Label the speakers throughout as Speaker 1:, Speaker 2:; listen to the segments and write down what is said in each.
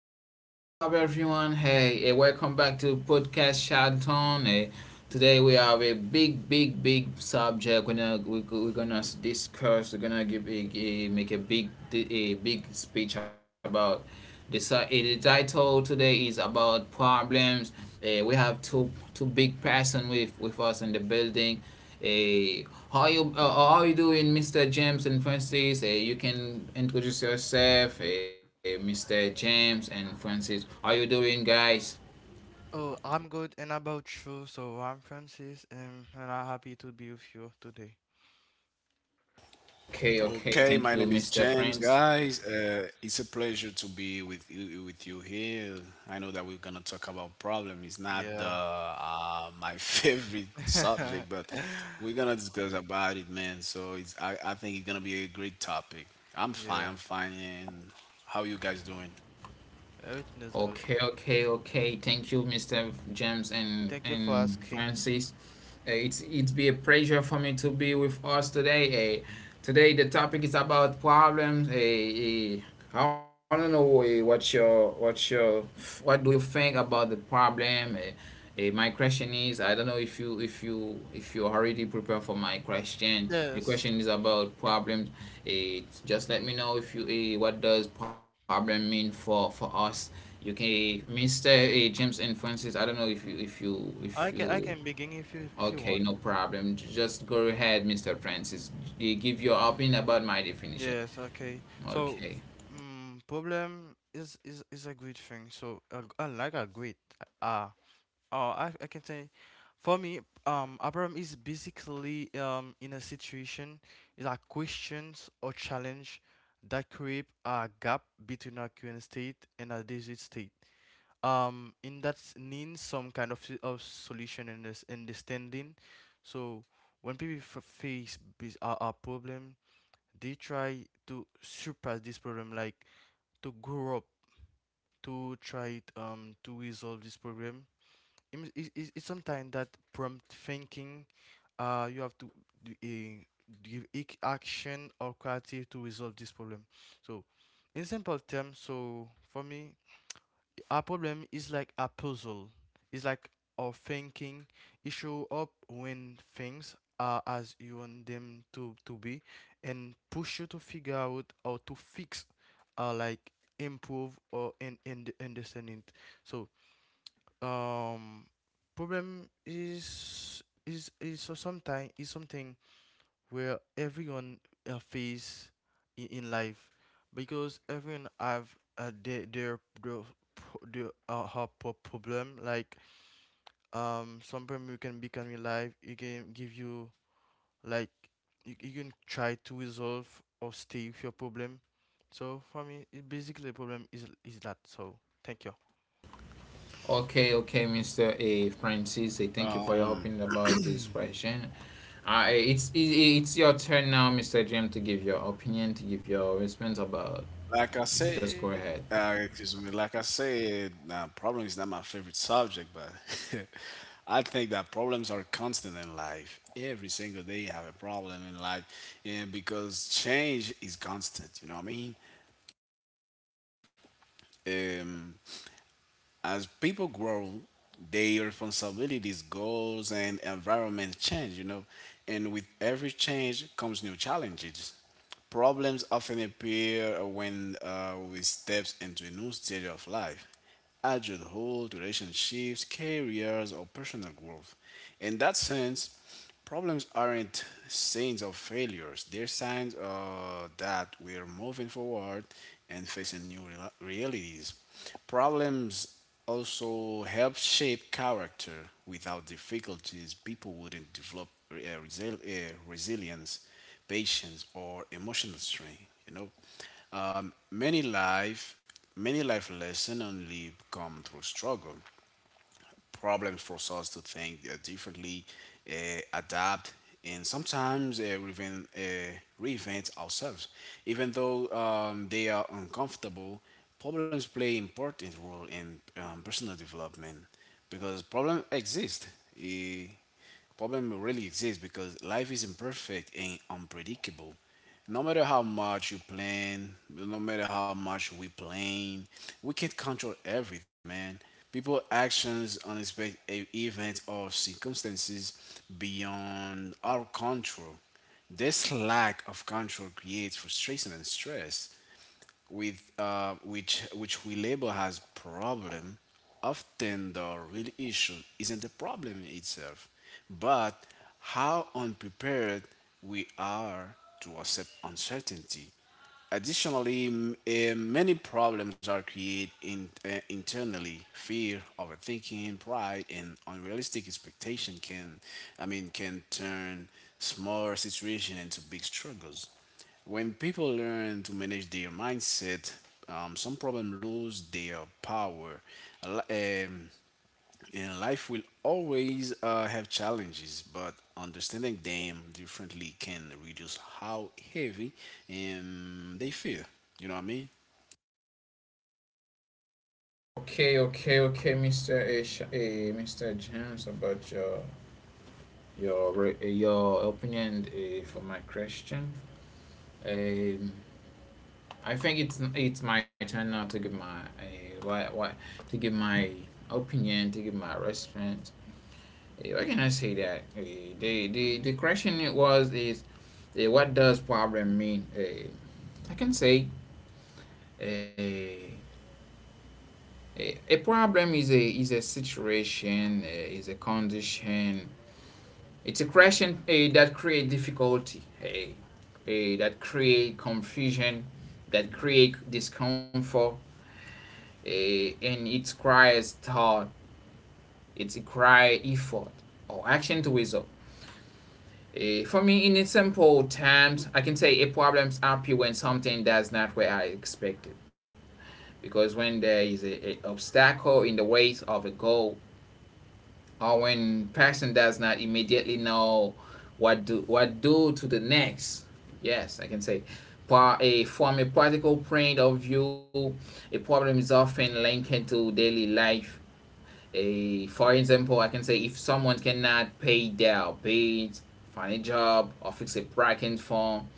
Speaker 1: everyone. What's up everyone? Welcome back to podcast Charlton. Today we have a big subject. We're gonna discuss. We're gonna give a make a big speech about this. The title today is about problems. We have two big person with us in the building. How you doing, Mr. James and Francis? You can introduce yourself, Mr. James and Francis. How you doing, guys?
Speaker 2: Oh, I'm good, and about you? So I'm Francis, and I'm happy to be with you today.
Speaker 1: Okay, okay.
Speaker 3: Okay,
Speaker 1: Thank
Speaker 3: my
Speaker 1: you,
Speaker 3: name is
Speaker 1: Mr.
Speaker 3: James,
Speaker 1: Francis.
Speaker 3: guys. It's a pleasure to be with you, with you. Here. I know that we're gonna talk about problem. It's not the
Speaker 2: Yeah,
Speaker 3: my favorite subject, but we're gonna discuss about it, man. So I think it's gonna be a great topic. I'm fine.
Speaker 2: yeah,
Speaker 3: I'm fine. And how you guys doing?
Speaker 2: everything is good.
Speaker 1: Okay, okay, okay. Thank you, Mr. James and
Speaker 2: Thank you for
Speaker 1: and
Speaker 2: asking.
Speaker 1: Francis. It's be a pleasure for me to be with us today. Uh, Today the topic is about problems. I want to know what your what do you think about the problem? My question is I don't know if you already prepared for my question. The
Speaker 2: Yes,
Speaker 1: question is about problems. Just let me know if you what does problem mean for us. Okay, Mr. James and Francis, I don't know if
Speaker 2: I can I
Speaker 1: you —
Speaker 2: can begin if you
Speaker 1: okay,
Speaker 2: want.
Speaker 1: no problem. Just go ahead, Mr. Francis. You give your opinion about my definition.
Speaker 2: Yes, okay. So,
Speaker 1: Okay.
Speaker 2: problem is a great thing. So, I like a great. Uh, Oh, I can say, for me, Abraham is basically in a situation is like questions or challenge that create a gap between a current state and a desired state. In that needs some kind of solution and this understanding. So when people face a problem, they try to surpass this problem, like to grow up, to try it, to resolve this problem It's sometimes that prompt thinking. You have to do a, give action or creative to resolve this problem. So, in simple terms, so for me, a problem is like a puzzle. It's like our thinking. It show up when things are as you want them to be, and push you to figure out how to fix, uh, like improve or and understand it. So um problem is so sometime is something where everyone face in life because everyone have their problem like some problem you can become in life it can give you like you can try to resolve or stay with your problem so for me it basically the problem is that so thank you
Speaker 1: Okay, okay, Mr. A. Francis, thank you for your
Speaker 3: Um,
Speaker 1: opinion about this question. It's your turn now, Mr. James, to give your opinion, to give your response about.
Speaker 3: Like I
Speaker 1: Just go
Speaker 3: said,
Speaker 1: ahead.
Speaker 3: excuse me. Like I said, problem is not my favorite subject, but I think that problems are constant in life. Every single day you have a problem in life, and because change is constant, you know what I mean. Um, As people grow, their responsibilities, goals, and environment change, you know, and with every change comes new challenges. Problems often appear when we step into a new stage of life, adulthood, relationships, careers, or personal growth. In that sense, problems aren't signs of failures. They're signs that we are moving forward and facing new realities. Problems also help shape character. Without difficulties, people wouldn't develop resilience, patience, or emotional strength. You know, um, many life many life lessons only come through struggle. Problems force us to think differently, adapt, and sometimes reinvent ourselves. Even though they are uncomfortable, problems play important role in personal development, because problem really exists because life is imperfect and unpredictable. No matter how much you plan, no matter how much we plan, we can't control everything, man. People, actions, unexpected events, or circumstances beyond our control. This lack of control creates frustration and stress with which we label as problem. Often the real issue isn't the problem itself, but how unprepared we are to accept uncertainty. Additionally, many problems are created internally. Fear, overthinking, pride, and unrealistic expectation can, I mean, can turn small situations into big struggles. When people learn to manage their mindset, some problem lose their power. A li- and life will always have challenges, but understanding them differently can reduce how heavy they feel. You know what I mean?
Speaker 1: Okay, okay, okay, Mr. A. Mr. James, about your — your your opinion for my question. Um, I think it's my turn now to give my why to give my opinion, to give my response. Why can I say that? The question it was is, what does problem mean? I can say a uh, a problem is a situation, is a condition. It's a question that create difficulty. Hey. That create confusion, that create discomfort, uh, and it requires thought, it requires effort or action to resolve. For me, in simple terms, I can say a problem's happy when something does not where I expected. Because when there is a obstacle in the way of a goal, or when person does not immediately know what do to the next. Yes, I can say. Pa- a From a practical point of view, a problem is often linked to daily life. A For example, I can say if someone cannot pay their bills, find a job, or fix a parking form,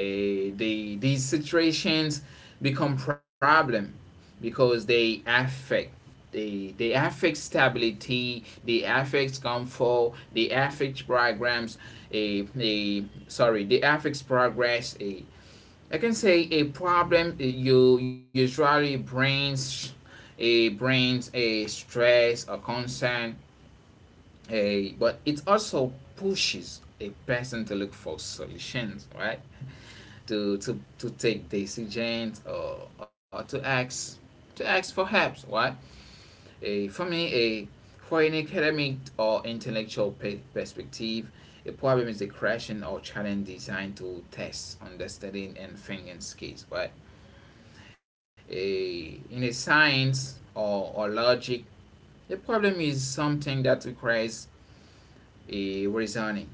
Speaker 1: these situations become problem because they affect stability, they affect comfort, they affect programs — a sorry, they affect progress. A I can say a problem you usually brings a brings a stress or concern, a but it also pushes a person to look for solutions, right? To take decisions, or to ask for help, right? A For me, a for an academic or intellectual perspective, a problem is a question or challenge designed to test understanding and thinking skills, right? In a science, or logic, the problem is something that requires a reasoning,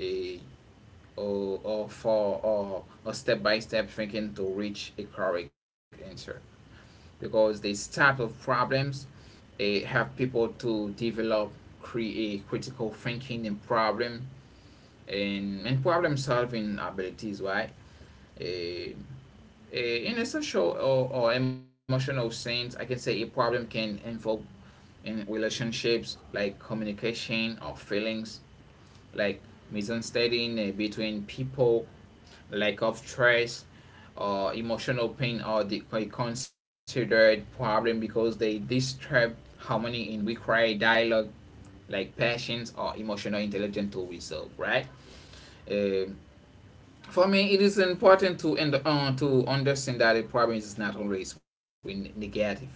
Speaker 1: a or for or a step by step thinking to reach a correct answer. Because these type of problems have people to develop, create critical thinking and problem solving abilities, right? Eh, in a social, or emotional sense, I can say a problem can involve in relationships like communication or feelings, like misunderstanding between people, lack of trust, or emotional pain are the — are considered problem because they disturb harmony and require dialogue, like passions or emotional intelligence to resolve, right? Um for me it is important to — and to understand that the problem is not always negative, right?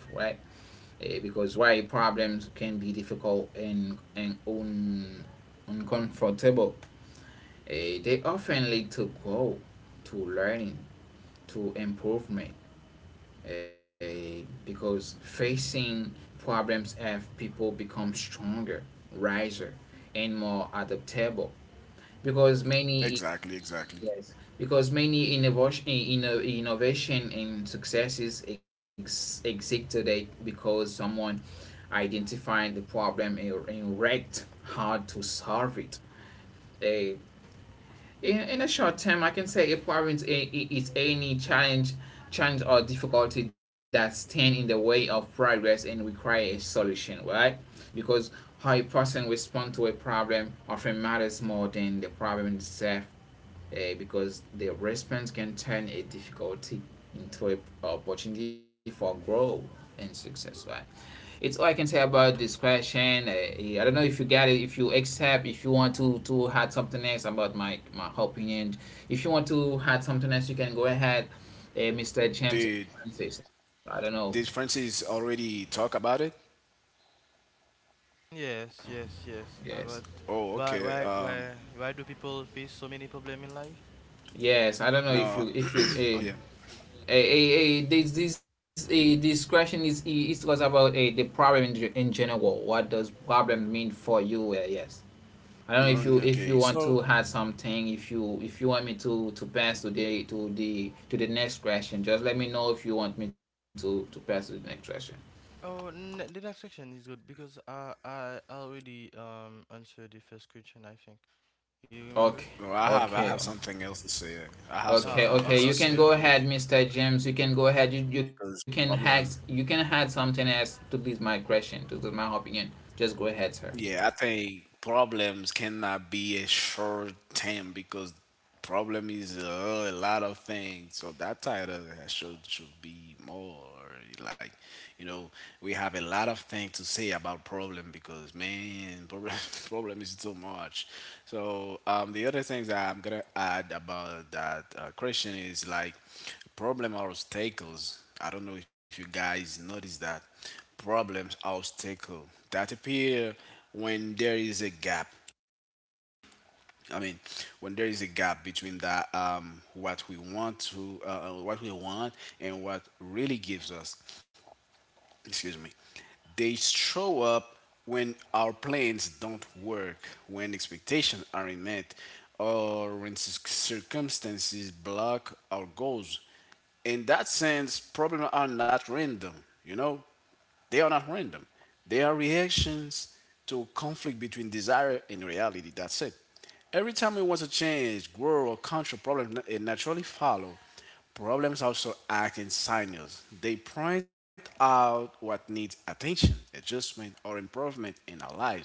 Speaker 1: Because why problems can be difficult and uncomfortable, they often lead to growth, to learning, to improvement. Because facing problems have people become stronger, wiser, and more adaptable. Because many —
Speaker 3: Exactly, exactly.
Speaker 1: yes, because many innovation and successes exist today because someone identified the problem and wrecked how to solve it. A, in a short term, I can say a problem is, is any challenge, challenge or difficulty that stand in the way of progress and require a solution, right? Because how a person responds to a problem often matters more than the problem itself, because the response can turn a difficulty into an opportunity for growth and success. Right? It's all I can say about this question. Yeah, I don't know if you got it. If you accept, if you want to add something else about my opinion, if you want to add something else, you can go ahead, Mr. James,
Speaker 3: Did
Speaker 1: Francis. I don't know.
Speaker 3: did Francis already talk about it?
Speaker 2: Yes, yes, yes.
Speaker 1: Yes,
Speaker 2: But
Speaker 3: Oh,
Speaker 2: why,
Speaker 3: okay.
Speaker 2: why, why, why do people face so many problem in life?
Speaker 1: yes. I don't know
Speaker 2: Mm,
Speaker 1: if you
Speaker 3: No.
Speaker 1: if you. Uh,
Speaker 3: Oh yeah.
Speaker 1: This question is it was about the problem in general. What does problem mean for you? Yes, I don't know if
Speaker 2: Okay.
Speaker 3: Mm,
Speaker 1: you
Speaker 3: okay.
Speaker 1: want to
Speaker 3: So
Speaker 1: add something. If you want me to pass to the to the to the next question, just let me know if you want me to pass to the next question.
Speaker 2: Oh, n the next section is good because I already answered the first question, I think. You remember?
Speaker 1: Okay,
Speaker 3: so well, I have I
Speaker 1: okay,
Speaker 3: have something else to say. I have something
Speaker 1: okay.
Speaker 3: else to
Speaker 1: You can
Speaker 3: say
Speaker 1: go
Speaker 2: Okay.
Speaker 3: because
Speaker 1: ahead, Mister James. You can go ahead. You can
Speaker 3: because
Speaker 1: hack. You
Speaker 3: problem
Speaker 1: can add something else to this my question, to this my opinion. Just go ahead, sir.
Speaker 3: yeah, I think problems cannot be a short term, because problem is a lot of things. So that title should be more like, you know, we have a lot of things to say about problem because, man. Problem is too much. So the other things that I'm gonna add about that question is like, problem are obstacles. I don't know if you guys notice that problems obstacle that appear when there is a gap, I mean, when there is a gap between that what we want to, what we want and what really gives us. Excuse me. They show up when our plans don't work, when expectations aren't met, or when circumstances block our goals. In that sense, problems are not random, you know, they are not random. They are reactions to conflict between desire and reality. That's it. Every time we want to change, grow, or control problems, it naturally follows. Problems also act in signals. They point out what needs attention, adjustment, or improvement in our lives.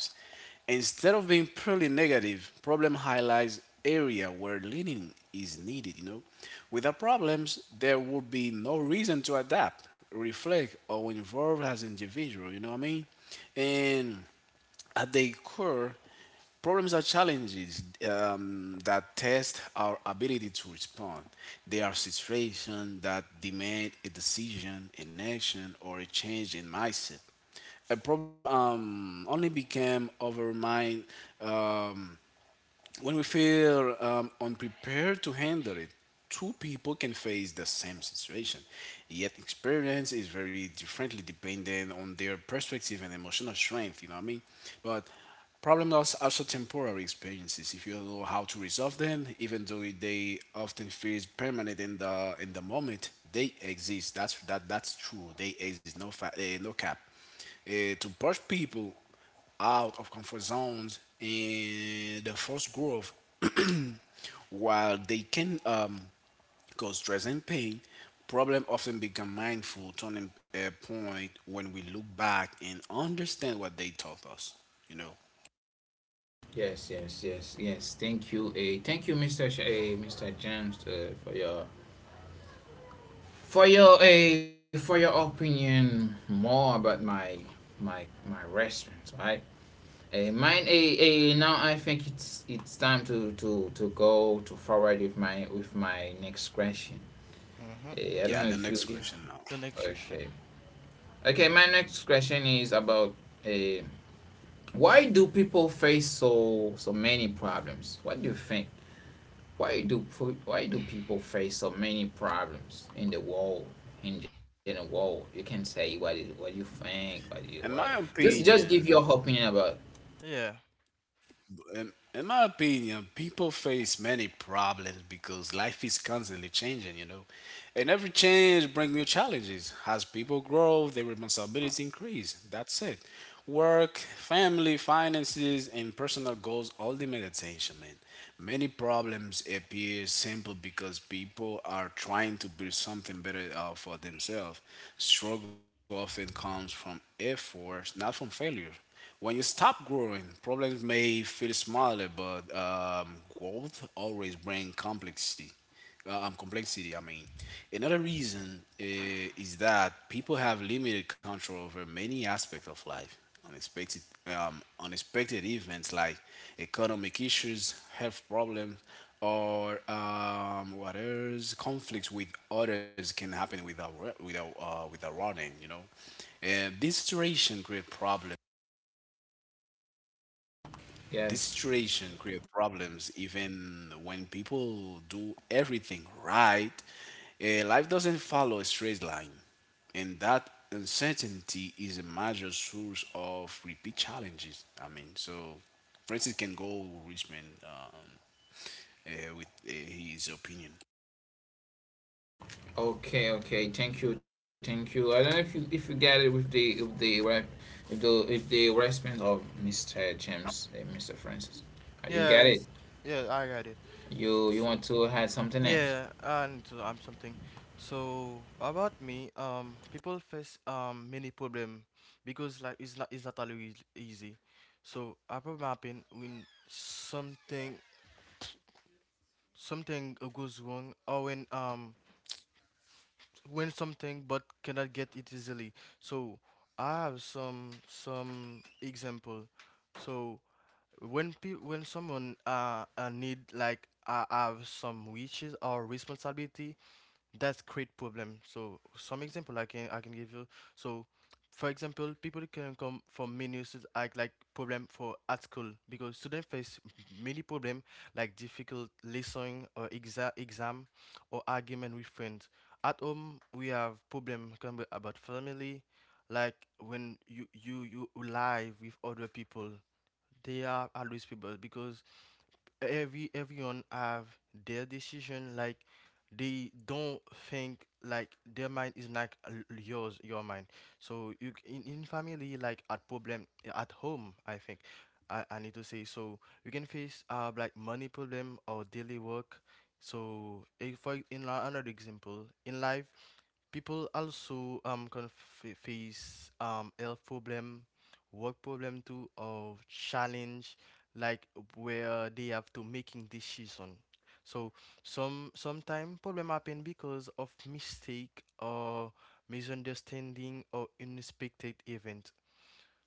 Speaker 3: Instead of being purely negative, problem highlights area where leaning is needed, you know. Without problems, there would be no reason to adapt, reflect, or involve as individual, you know what I mean? And at their core, problems are challenges that test our ability to respond. They are situations that demand a decision, an action, or a change in mindset. A problem only became over mind um, when we feel unprepared to handle it. Two people can face the same situation, yet experience is very differently depending on their perspective and emotional strength. You know what I mean? But problems are also temporary experiences. If you don't know how to resolve them, even though they often feel permanent in the moment, they exist. That's that that's true. They exist. No no cap. To push people out of comfort zones and the forced growth, while they can cause stress and pain, problem often become mindful turning point when we look back and understand what they taught us. You know.
Speaker 1: Yes, yes, yes, yes. Thank you, Mr. James, for your for your for your opinion more about my my response, right? Now I think it's time to go to forward with my next question.
Speaker 2: Mm-hmm.
Speaker 1: I
Speaker 3: Yeah,
Speaker 1: don't know
Speaker 3: the
Speaker 1: if
Speaker 3: next
Speaker 1: you if —
Speaker 3: question now.
Speaker 2: The next
Speaker 1: okay,
Speaker 2: question.
Speaker 1: okay. My next question is about, uh, why do people face so many problems? What do you think? Why do why do people face so many problems in the world, in general world? You can say what is, what you think, what you
Speaker 3: In
Speaker 1: what
Speaker 3: my
Speaker 1: just give
Speaker 3: opinion,
Speaker 1: your opinion about it.
Speaker 2: Yeah.
Speaker 3: in my opinion, people face many problems because life is constantly changing, you know. And every change brings new challenges. As people grow, their responsibilities increase. That's it. Work, family, finances, and personal goals all demand attention, man. Many problems appear simple because people are trying to build something better for themselves. Struggle often comes from effort, not from failure. When you stop growing, problems may feel smaller, but growth always brings complexity. Complexity, I mean. Another reason is that people have limited control over many aspects of life. Unexpected, unexpected events like economic issues, health problems, or what else? Conflicts with others can happen without wa- without without warning. You know, and this
Speaker 1: Yes.
Speaker 3: situation creates problems even when people do everything right. Life doesn't follow a straight line, and that uncertainty is a major source of repeat challenges. I mean, so Francis can go Richmond, with his opinion.
Speaker 1: Okay, okay, thank you, thank you. I don't know if you get it with the re- if the response of Mr. James and Mr. Francis. You get it?
Speaker 2: Yes. Yeah, I got it.
Speaker 1: You
Speaker 2: So,
Speaker 1: want to add something else?
Speaker 2: yeah, and I something. So about me, people face many problem because like it's not always easy. So a problem happen when something goes wrong or when something but cannot get it easily. So I have some example. So when someone need like I have some wishes or responsibility that's great problem so some example i can give you so for example people can come from many issues like problem for at school because students face many problem like difficult lesson or exam or argument with friends at home we have problem can be about family like when you live with other people they are always people because everyone have their decision like they don't think like their mind is like your mind so you in family like at problem at home I think I need to say so you can face like money problem or daily work so if for in another example in life people also can face health problem work problem too or challenge like where they have to making decision so sometimes problem happen because of mistake or misunderstanding or unexpected event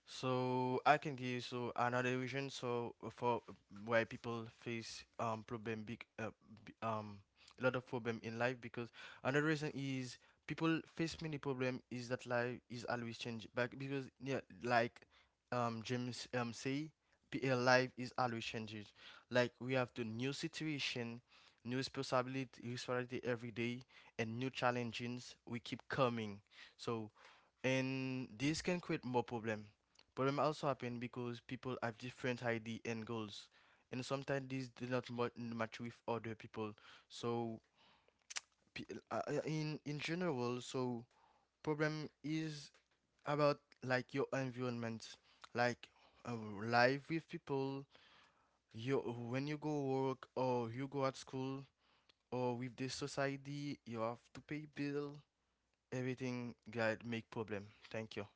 Speaker 2: so I can give so another reason so for why people face problem big b- um a lot of problem in life because another reason is people face many problem is that life is always changing back because yeah like James say life is always changing like we have the new situation new responsibility every day and new challenges we keep coming so and this can create more problem Problem also happen because people have different ID and goals, and sometimes these do not match with other people. So yeah, in general, so problem is about like your environment, like uh, life with people. You when you go work or you go at school or with the society, you have to pay bill. Everything that make problem. Thank you.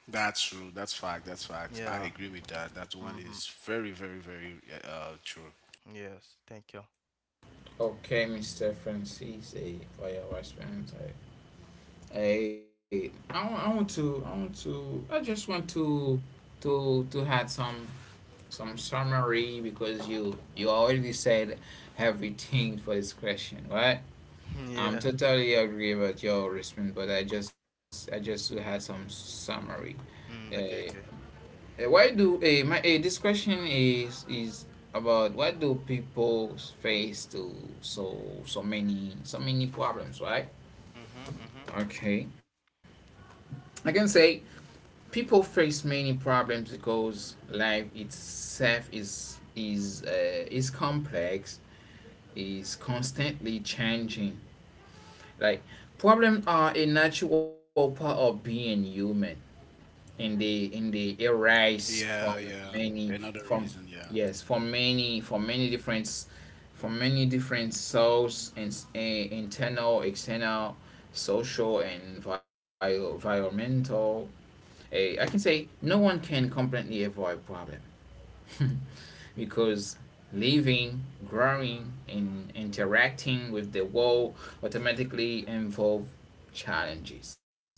Speaker 3: That's true. That's fact. That's facts. I
Speaker 2: Yeah.
Speaker 3: agree with that. That one
Speaker 2: Mhm.
Speaker 3: is very, very, very true.
Speaker 2: Yes. Thank you.
Speaker 1: Okay, Mr. Francis, for your response. I — hey, I want to, I want to, I just want to have some summary because you already said everything for this question, right? I'm
Speaker 2: Yeah.
Speaker 1: totally agree with your response, but I just to have some summary. Eh,
Speaker 2: Okay, okay.
Speaker 1: why do, this question is about why do people face to so, so many problems, right?
Speaker 2: Mhm, mhm.
Speaker 1: Okay. I can say people face many problems because life itself is complex, is constantly changing, like problems are a natural part of being human, and they arise
Speaker 3: Yeah,
Speaker 1: from
Speaker 3: yeah.
Speaker 1: many —
Speaker 3: Another
Speaker 1: from
Speaker 3: reason, yeah.
Speaker 1: yes, from many — from many different — from many different sources and internal, external, social, and environmental. I can say no one can completely avoid problem because living, growing, and interacting with the world automatically involve challenges. Right?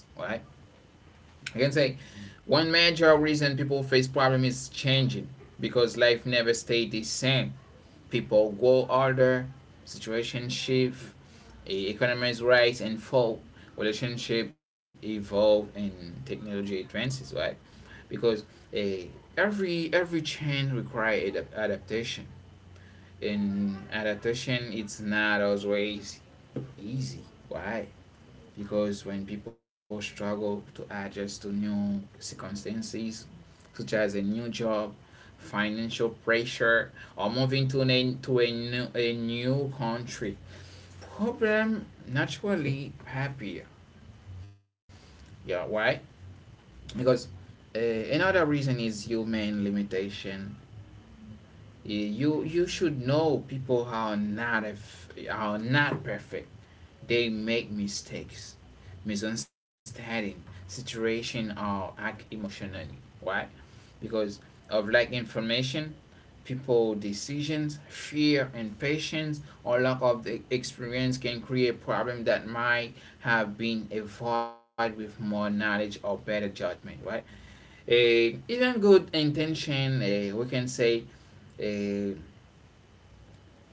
Speaker 1: I can say one major reason people face problem is changing, because life never stays the same. People grow older, situation shift, economies rise and fall, relationship evolve, and technology advances. Right? because a Every change requires adaptation, and adaptation it's not always easy. Why? Because when people struggle to adjust to new circumstances, such as a new job, financial pressure, or moving to a new country, problem naturally happier. Yeah, why? Because, another reason is human limitation. You should know people are not — if are not perfect, they make mistakes, misunderstanding situation, or act emotionally. Why? Because of lack information, people decisions, fear and patience, or lack of the experience can create problem that might have been avoided with more knowledge or better judgment, right? Even good intention, we can say, eh,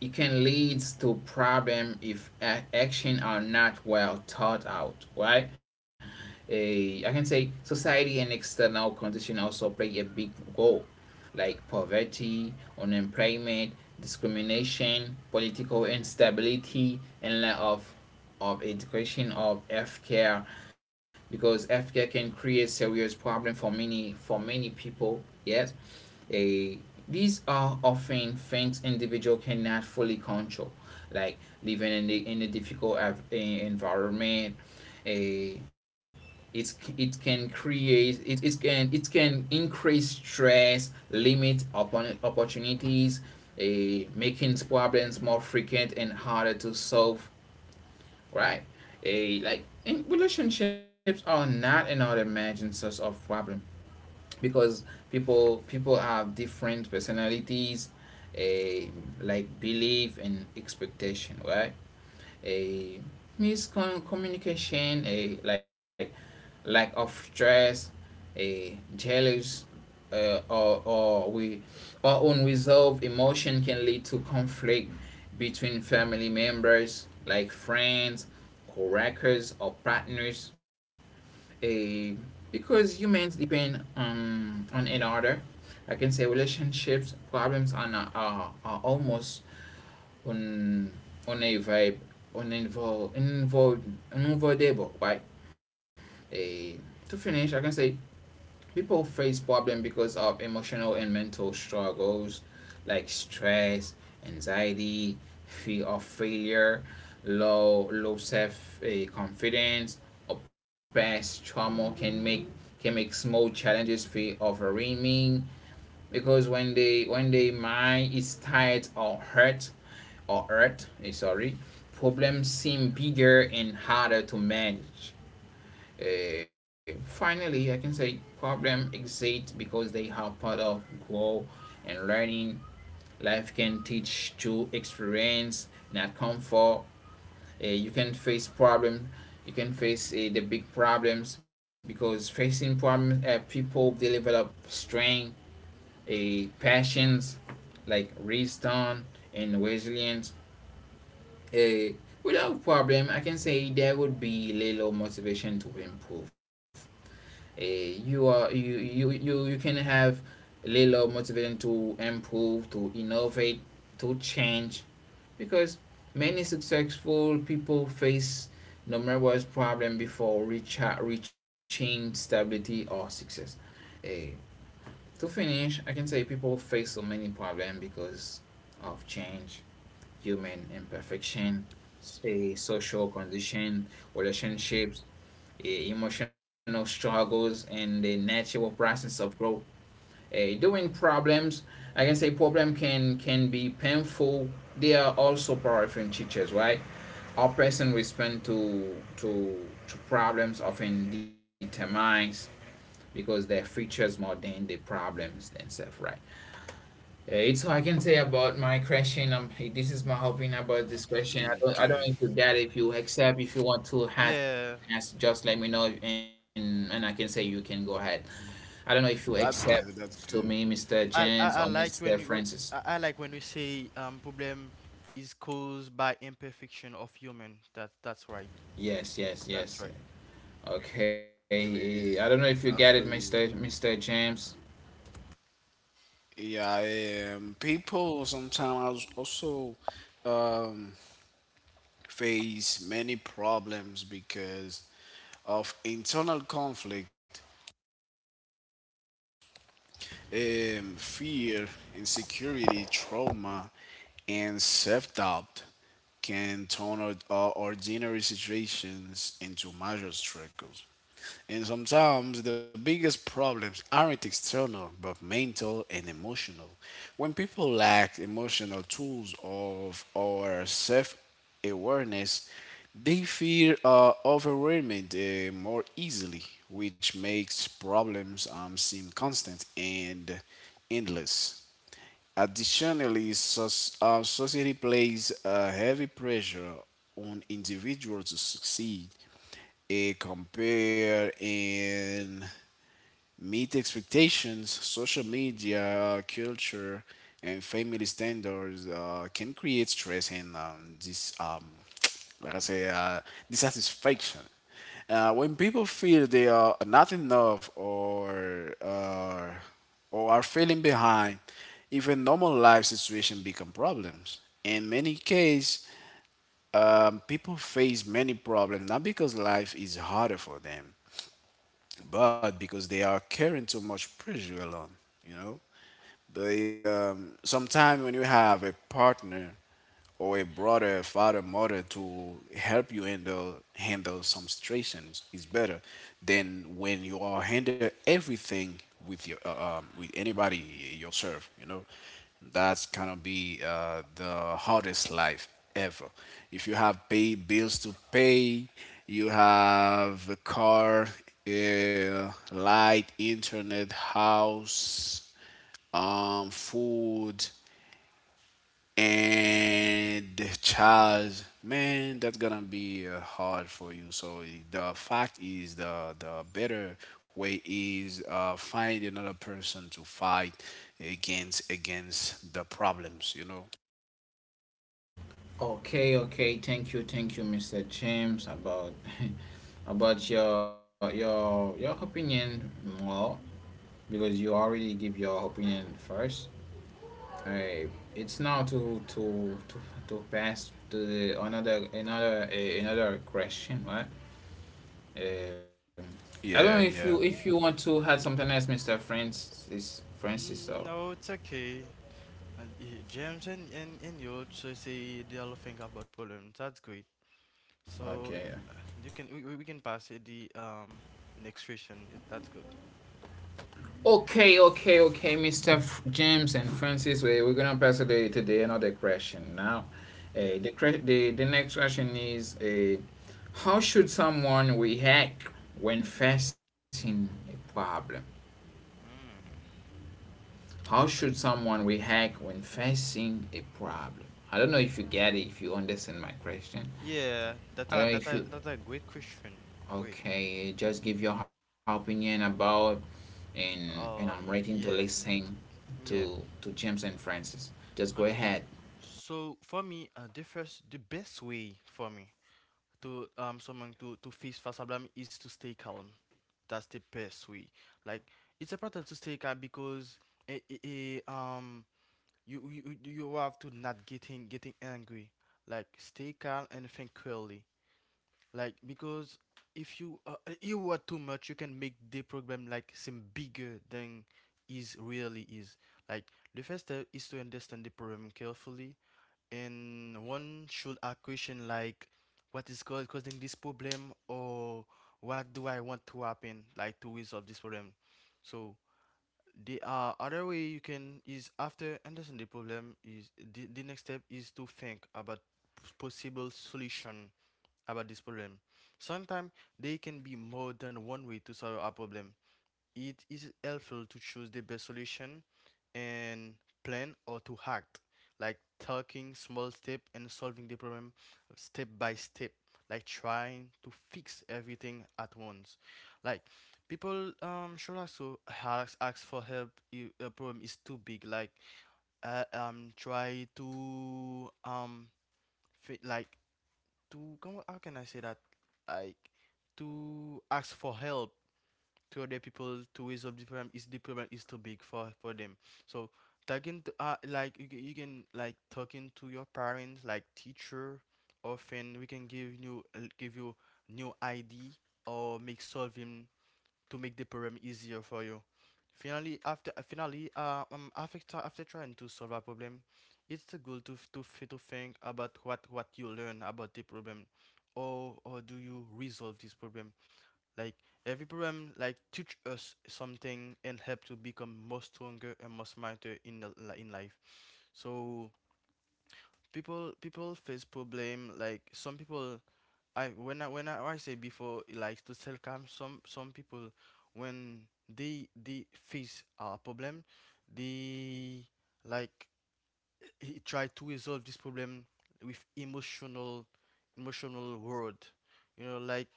Speaker 1: it can lead to problem if action are not well thought out, right? I can say society and external condition also play a big role, like poverty, unemployment, discrimination, political instability, and lack of education, of healthcare, because healthcare can create serious problem for many people, yes. a These are often things individual cannot fully control, like living in the — in a difficult environment. A It's it can create — it, it can increase stress, limit upon opportunities, a making problems more frequent and harder to solve. Right. a Like in relationships are not another imagined source of problem because people have different personalities, a like belief and expectation, right? a Miscommunication, a like lack of trust, a jealous, or we or unresolved emotion can lead to conflict between family members, like friends, coworkers, or partners, a because humans depend on another. I can say relationships problems are, not, are almost un, unevi- uninvol- invol- unavoidable, right? a, to finish, I can say people face problems because of emotional and mental struggles like stress, anxiety, fear of failure, low self confidence, or past trauma can make small challenges feel overwhelming, because when their mind is tired or hurt sorry, problems seem bigger and harder to manage. Finally, I can say problem exist because they are part of grow and learning. Life can teach through experience, not comfort. You can face problem. You can face the big problems, because facing problems, people, they develop strength, a passions, like wisdom and resilience. Uh, Without problem, I can say there would be little motivation to improve. You are you you you You can have a little motivation to improve, to innovate, to change, because many successful people face numerous problem before reaching stability or success. Eh, to finish, I can say people face so many problems because of change, human imperfection, say social condition, relationships, emotional struggles, and the natural process of growth. During problems, I can say problem can be painful. They are also powerful teachers, right? Our person respond to problems often determines because their features more than the problems themselves, right? It's all I can say about my question. This is my opinion about this question. I don't
Speaker 3: Okay.
Speaker 1: need to get it if you accept. If you want to ask,
Speaker 2: Yeah,
Speaker 1: ask, just let me know, and I can say you can go ahead. I don't know if you
Speaker 3: That's
Speaker 1: accept
Speaker 3: good. That's
Speaker 1: to
Speaker 3: good.
Speaker 1: me, Mr. James
Speaker 2: I
Speaker 1: or
Speaker 2: like when
Speaker 1: Mr.
Speaker 2: you I,
Speaker 1: Francis.
Speaker 2: I like when you say problem is caused by imperfection of human. That's right.
Speaker 1: Yes,
Speaker 2: That's
Speaker 1: yes,
Speaker 2: right.
Speaker 1: yes.
Speaker 3: Really
Speaker 1: Okay. I don't know if you
Speaker 3: that's
Speaker 1: get it,
Speaker 3: really
Speaker 1: Mr. James.
Speaker 3: yeah People sometimes also um, face many problems because of internal conflict, fear, insecurity, trauma, and self-doubt can turn our ordinary situations into major struggles. And sometimes the biggest problems aren't external but mental and emotional. When people lack emotional tools of or self awareness, they feel overwhelmed more easily, which makes problems seem constant and endless. Additionally, society plays a heavy pressure on individuals to succeed, compare and meet expectations. Social media, culture, and family standards can create stress and, like I say, dissatisfaction. When people feel they are not enough, or are feeling behind, even normal life situation become problems. In many cases, people face many problems not because life is harder for them, but because they are carrying too much pressure alone, you know. They, sometimes when you have a partner or a brother, a father, mother to help you handle some situations is better than when you are handle everything with your with anybody yourself. You know, that's gonna be the hardest life ever. If you have pay bills to pay, you have a car, light, internet, house, food, and child, man, that's gonna be hard for you. So the fact is, the better way is find another person to fight against the problems. You know?
Speaker 1: Okay, okay. Thank you, Mr. James, about about your your opinion more, because you already give your opinion first. Uh, it's now to pass to the another another question, right? Um, I don't
Speaker 3: Yeah,
Speaker 1: know if
Speaker 3: yeah.
Speaker 1: you want to add something else, Mister Francis. So
Speaker 2: No, it's okay. And James and and you also say they all think about problems. That's great. So
Speaker 1: okay.
Speaker 2: you can we can pass it the next question. That's good.
Speaker 1: Okay, okay, okay, Mr. F- James and Francis, we're gonna pass it to the another question now.
Speaker 2: Yes.
Speaker 1: The, the next question is, how should someone react when facing a problem?
Speaker 2: Mm.
Speaker 1: How
Speaker 2: That's
Speaker 1: should
Speaker 2: a,
Speaker 1: someone react when facing a problem? I don't know if you get it, if you understand my question.
Speaker 2: yeah. That's
Speaker 1: I don't
Speaker 2: a
Speaker 1: know
Speaker 2: that's
Speaker 1: if
Speaker 2: a
Speaker 1: you.
Speaker 2: that's a great question. Great.
Speaker 1: Okay. Just give your opinion about, and
Speaker 2: Oh,
Speaker 1: I'm ready
Speaker 2: yeah,
Speaker 1: to listen
Speaker 2: yeah.
Speaker 1: to James and Francis. Just
Speaker 2: Okay.
Speaker 1: go ahead.
Speaker 2: So for me, the best way for me to someone to face fast problem is to stay calm. That's the best way. Like it's important to stay calm because it, um you have to not getting angry. Like stay calm and think clearly. Like because if you you are too much, you can make the program like seem bigger than is really is. Like the first step is to understand the problem carefully, and one should ask question like, what is causing this problem, or what do I want to happen like to resolve this problem. So the other way you can is after understand the problem is the next step is to think about possible solution about this problem sometimes there can be more than one way to solve a problem it is helpful to choose the best solution and plan or to act, like taking small step and solving the problem step by step, like trying to fix everything at once. Like people should also ask, ask for help if a problem is too big. Like try to fi- like to come how can I say that like to ask for help to other people to resolve the problem is too big for them. So talking to you can like talking to your parents like teacher often we can give you new idea or make solving to make the problem easier for you. Finally, after trying to solve a problem, it's the goal to to think about what you learn about the problem, or do you resolve this problem? Like every program like teach us something and help to become more stronger and more smarter in in life. So people face problem like some people I I say before like to self calm some people when they face a problem they like he try to resolve this problem with emotional word, you know like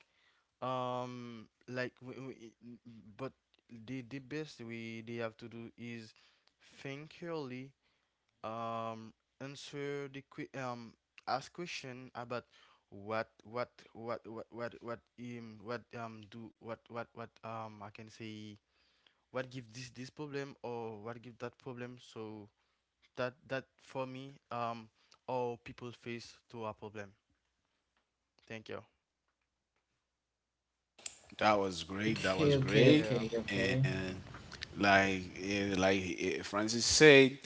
Speaker 2: um like we, we, but the best we they have to do is think early um answer the que- um ask question about what do what I can say what give this problem or what give that problem so that that for me all people face to a problem thank you
Speaker 3: That was great.
Speaker 1: Okay,
Speaker 3: That was
Speaker 1: okay,
Speaker 3: great.
Speaker 1: okay,
Speaker 2: yeah
Speaker 1: okay,
Speaker 3: And like Francis said,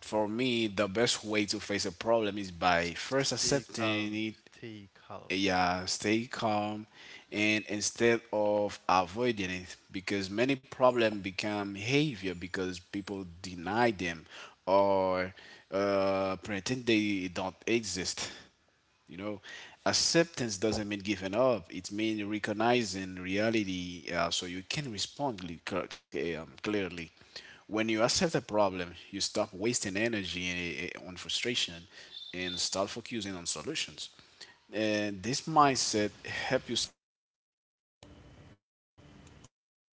Speaker 3: for me the best way to face a problem is by first
Speaker 2: Stay
Speaker 3: accepting
Speaker 2: calm,
Speaker 3: it.
Speaker 2: stay calm.
Speaker 3: Yeah, stay calm. And instead of avoiding it, because many problems become behavior because people deny them or pretend they don't exist, you know. Acceptance doesn't mean giving up, it means recognizing reality, so you can respond clearly. When you accept a problem, you stop wasting energy on frustration and start focusing on solutions, and this mindset help you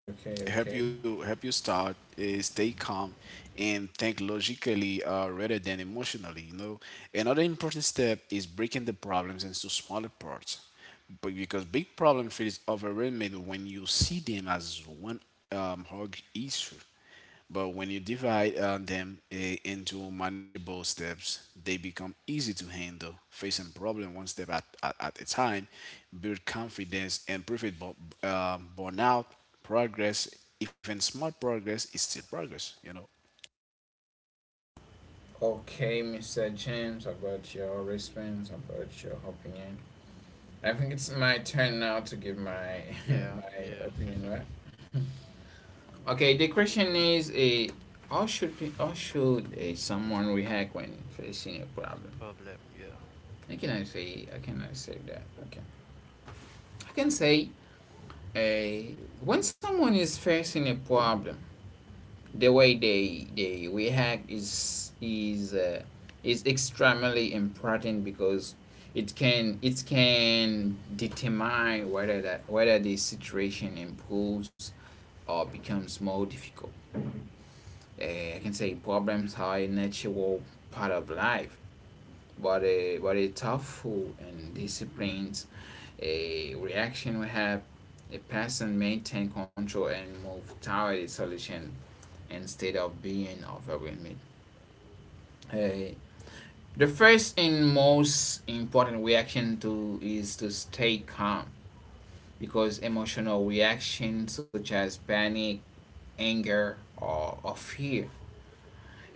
Speaker 1: okay, okay.
Speaker 3: help you help you start, stay calm and think logically rather than emotionally, you know. Another important step is breaking the problems into smaller parts, but because big problem feels overwhelming when you see them as one hug issue. But when you divide them, into manageable steps, they become easy to handle. Facing problem one step at a time, build confidence and prevent burnout. Progress, even small progress, is still progress. You know.
Speaker 1: Okay, Mr. James, about your response, about your opinion. I think it's my turn now to give my
Speaker 2: Mhm. Yeah,
Speaker 1: my
Speaker 2: yeah.
Speaker 1: opinion, right? Okay, the question is a how should be? How should a someone react when facing a problem?
Speaker 2: Problem, yeah.
Speaker 1: I cannot say that. Okay, I can say a when someone is facing a problem, the way they react is extremely important, because it can determine whether the situation improves or becomes more difficult. I can say problems are a natural part of life, but a thoughtful and disciplined a reaction will help a person maintain control and move toward a solution instead of being overwhelmed. Hey, the first and most important reaction to is to stay calm, because emotional reactions such as panic, anger, or fear.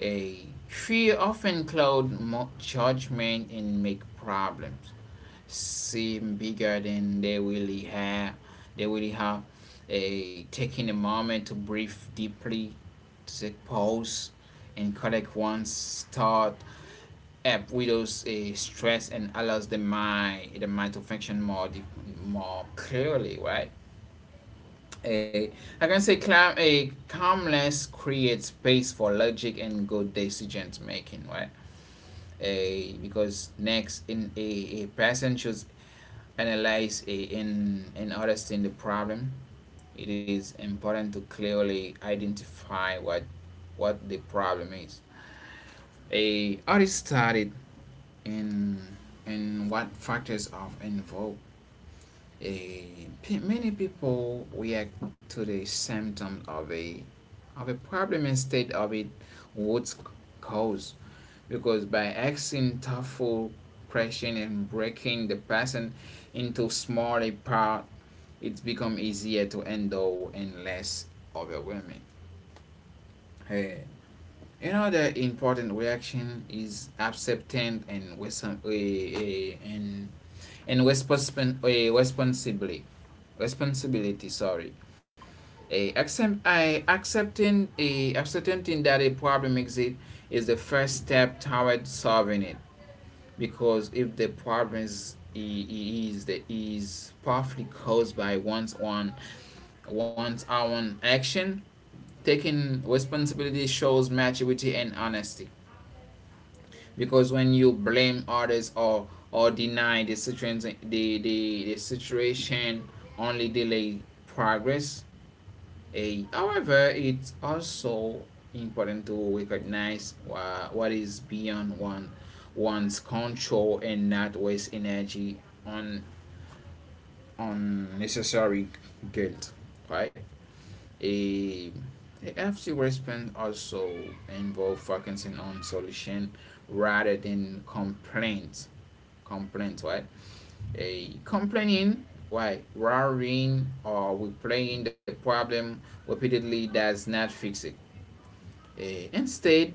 Speaker 1: A Fear often cloud judgment and make problems seem bigger than they really have. They really have a Taking a moment to breathe deeply, to take pause, and collect one's thought, App widows a stress and allows the mind to function more deep, more clearly, right? A I can say a calmness creates space for logic and good decisions making, right? A Because next, a person should analyze a, in and understand the problem. It is important to clearly identify what the problem is. A artist started and what factors are involved. Uh, Many people react to the symptoms of a problem instead of it, what's cause, because by asking thoughtful question and breaking the person into smaller part, it's become easier to handle and less overwhelming. Hey. Another important reaction is acceptance and with some and responsib- eh, responsibly responsibility, sorry. A accept, I, accepting a Accepting that a problem exists is the first step toward solving it, because if the problem is the is partly caused by one's own action, taking responsibility shows maturity and honesty, because when you blame others or deny the situation only delay progress. A However, it's also important to recognize what is beyond one's control and not waste energy on unnecessary guilt, right? a The response also involve focusing on solution rather than complaints, right? A Complaining, why worrying or replaying the problem repeatedly does not fix it. A Instead,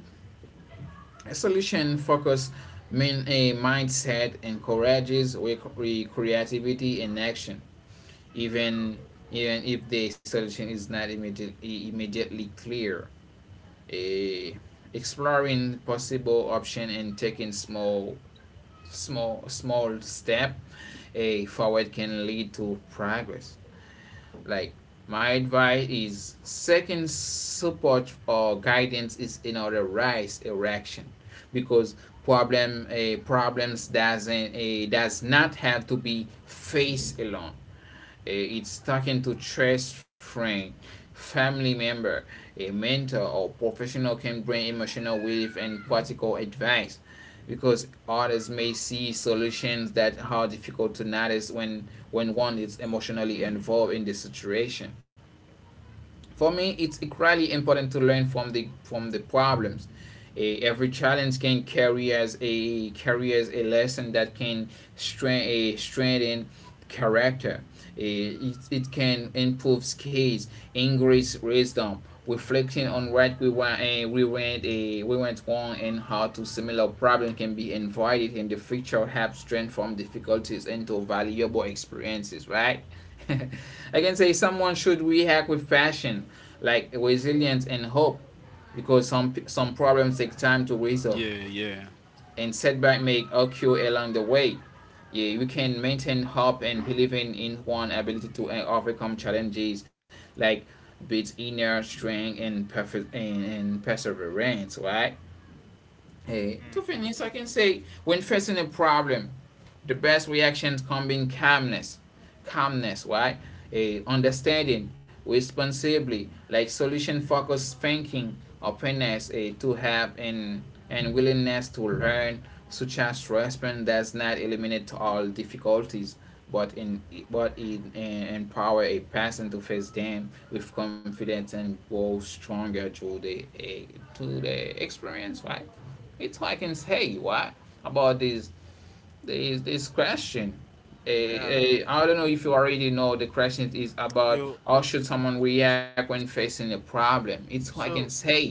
Speaker 1: a solution focus mean a mindset encourages creativity and action, even if the solution is not immediately clear. A Exploring possible option and taking small small step a forward can lead to progress. Like my advice is second support or guidance is in order rise erection, because problems does not have to be faced alone. It's talking to trust friend, family member, a mentor or professional can bring emotional relief and practical advice, because others may see solutions that are difficult to notice when one is emotionally involved in the situation. For me, it's equally important to learn from the problems. Every challenge can carry as a lesson that can strengthen character. It, it can improve skills, increase wisdom, reflecting on what we want and we went wrong and how to similar problem can be avoided in the future helps strengthen from difficulties into valuable experiences, right? I can say someone should react with passion, like resilience and hope, because some problems take time to resolve,
Speaker 3: Yeah, yeah.
Speaker 1: and setback may occur along the way. Yeah, you can maintain hope and believing in one ability to overcome challenges, like build inner strength and, and perseverance, right? To
Speaker 2: Mhm.
Speaker 1: finish, I can say when facing a problem, the best reactions come in calmness, right? A Understanding, responsibly, like solution-focused thinking, openness to have and willingness to learn, such as response does not eliminate all difficulties, but in but it empower a person to face them with confidence and grow stronger through the experience, right? It's I can say what about this this question.
Speaker 2: Yeah.
Speaker 1: I don't know
Speaker 2: Mhm.
Speaker 1: if you already know the question is about
Speaker 2: You
Speaker 1: how should someone react when facing a problem. It's what I can
Speaker 2: so
Speaker 1: say.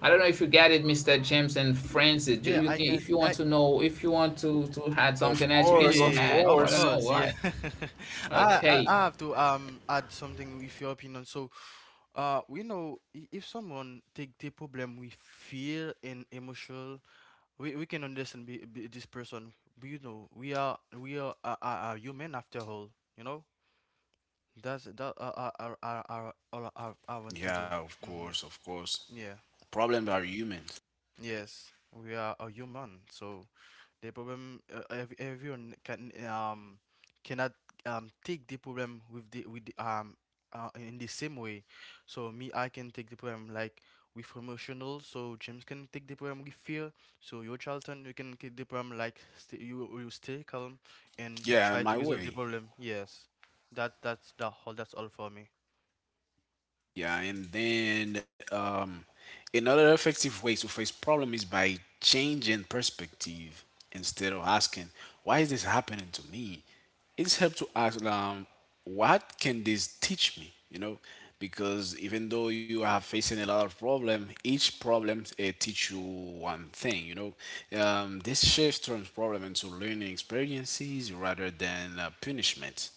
Speaker 1: I don't know if you get it, Mr. James and Francis.
Speaker 2: yeah, I got
Speaker 1: If you want
Speaker 2: I
Speaker 1: to know, if you want to add
Speaker 3: Of
Speaker 1: something else, you can
Speaker 3: course,
Speaker 1: go
Speaker 3: of
Speaker 2: we.
Speaker 1: ahead.
Speaker 2: Of
Speaker 1: I don't
Speaker 3: course.
Speaker 1: know
Speaker 2: course, yeah.
Speaker 1: why. Okay.
Speaker 2: I have to add something with your opinion. So we know if someone take the problem with fear and emotional, we can understand be this person. But, you know, we are a human after all. You know, that's that all I want to
Speaker 3: Yeah.
Speaker 2: do.
Speaker 3: Of course, of
Speaker 2: Mm-hmm.
Speaker 3: course.
Speaker 2: Yeah.
Speaker 3: Problems are human.
Speaker 2: Yes. We are a human, so the problem everyone can cannot take the problem with the in the same way. So me, I can take the problem like with emotional. So James can take the problem with fear. So your Charlton, you can take the problem like you stay calm and
Speaker 3: Yeah,
Speaker 2: try
Speaker 3: my
Speaker 2: to resolve the
Speaker 3: way.
Speaker 2: problem. Yes. That that's the whole. That's all for me.
Speaker 3: Yeah, and then, another effective way to face problem is by changing perspective. Instead of asking, "Why is this happening to me?" It's helped to ask, "What can this teach me?" You know, because even though you are facing a lot of problem, each problem it teach you one thing. You know, this shift turns problem into learning experiences rather than punishment.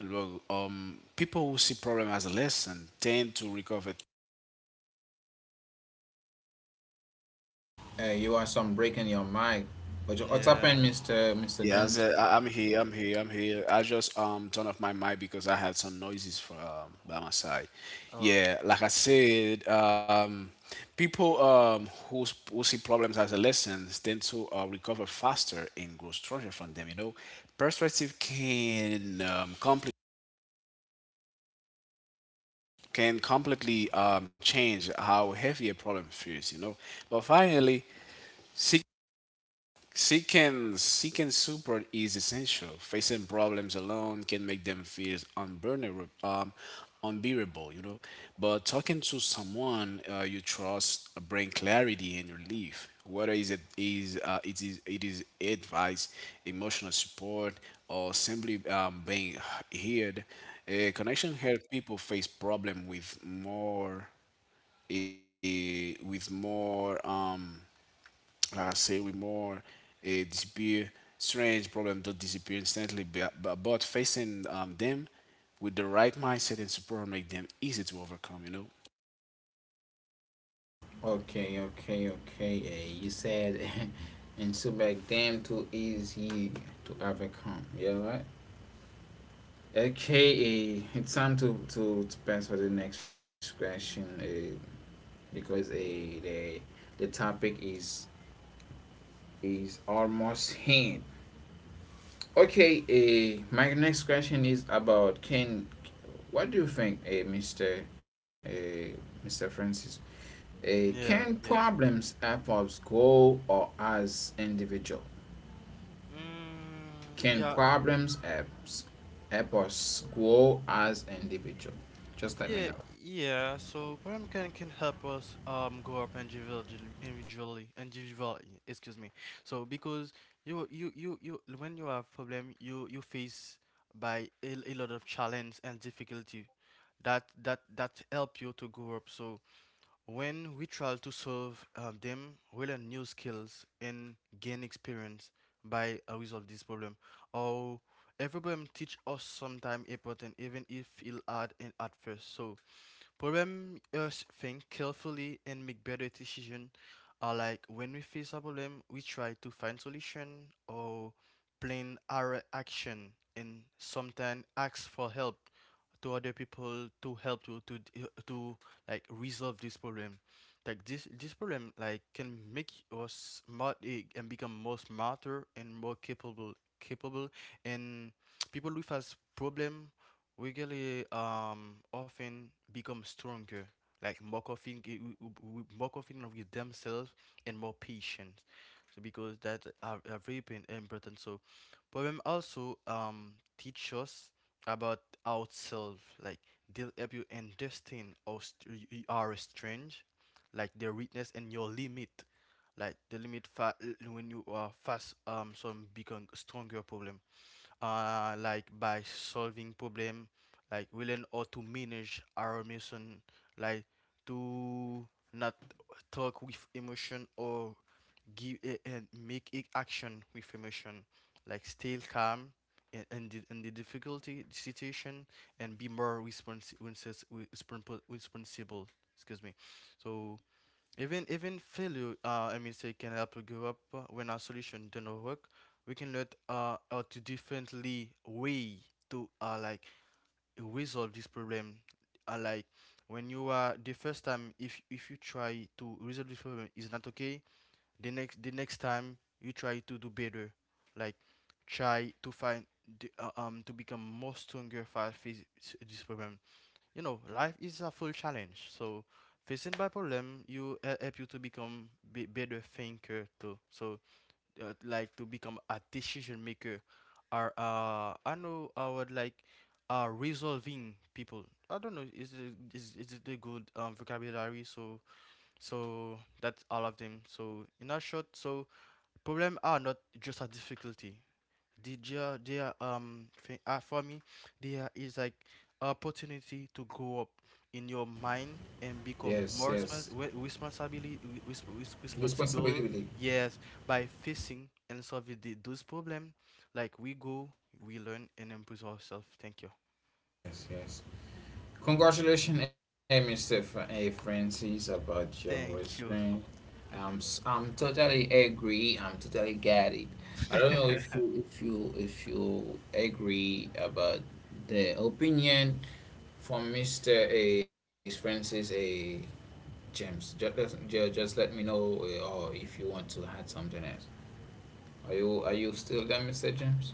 Speaker 3: Look, people who see problem as a lesson tend to recover.
Speaker 1: You are some breaking your mic. What's happened,
Speaker 2: Yeah.
Speaker 1: Mr.
Speaker 3: Yeah, I
Speaker 1: James?
Speaker 3: said, I'm here, I'm here, I'm here. I just turn off my mic because I had some noises for by my side.
Speaker 2: Oh, okay.
Speaker 3: Yeah, like I said, people who see problems as a lesson tend to recover faster and grow stronger from them. Perspective can complicate can completely change how heavy a problem feels. But finally, seeking support is essential. Facing problems alone can make them feel unbearable, unbearable. But talking to someone you trust bring clarity and relief. Whether is it is advice, emotional support, or simply being heard, a connection helps people face problem with more. Like I say, with more eh, disappear, strange problems don't disappear instantly, but facing them with the right mindset and support make them easy to overcome, you know?
Speaker 1: Okay, okay, okay. You said, and so back damn too easy to overcome. Yeah, right. Okay, it's time to, to pass for the next question because the topic is almost hand. Okay, my next question is about can, what do you think, Mister Mister Francis? Can
Speaker 2: Yes. Yes.
Speaker 1: problems apples grow or as individual?
Speaker 2: Mm,
Speaker 1: Can
Speaker 2: yeah.
Speaker 1: problems helps, help us grow as individual? Just let me
Speaker 2: Yeah,
Speaker 1: know.
Speaker 2: yeah. So program can help us go up individually. Excuse me. So because you when you have problem, you face by a lot of challenge and difficulty, that help you to grow up. So when we try to solve them, we learn new skills and gain experience by resolve this problem. Or every problem teach us sometime important, even if it hard and at first. So problem us think carefully and make better decision are like when we face a problem, we try to find solution or plan our action and sometimes ask for help to other people to help you to to like resolve this problem. Like this problem like can make us smart, eh, and become more smarter and more capable, and people with us problem we really often become stronger, like more confident, more confident with themselves and more patient. So because that are very important. So poem also teach us about ourselves. Like they'll help you understand our our strange, like their weakness and your limit. Like the limit. When you are fast some become stronger problem, like by solving problem, like we learn how to manage our emotion, like to not talk with emotion or give a, and make a action with emotion, like stay calm in the difficulty situation and be more responsible, excuse me. So even failure, say can help you grow up. When our solution do not work, we can learn how to differently way to like resolve this problem. Like when you are the first time, if you try to resolve this problem is not okay, the next time you try to do better, like try to find the, to become more stronger for this problem. You know, life is a full challenge. So facing by problem, you help you to become be better thinker too. So like to become a decision maker, or I know I would like resolving people. I don't know. Is it the good vocabulary? So so that's all of them. So in a short, so problem are not just a difficulty the there thing, for me there is like opportunity to grow up in your mind and become
Speaker 1: Yes,
Speaker 2: more
Speaker 1: yes.
Speaker 2: responsibility, responsible,
Speaker 1: Responsibility.
Speaker 2: yes, by facing and solving the, those problems, like we learn and improve ourselves. Thank you.
Speaker 1: Yes, yes. Congratulations, Mr. Francis, about your
Speaker 2: Thank you.
Speaker 1: experience. I'm totally agree. I'm totally get it. I don't know if you agree about the opinion from Mr. A. Francis A. James, just just let me know or if you want to add something else. Are you still there, Mr. James?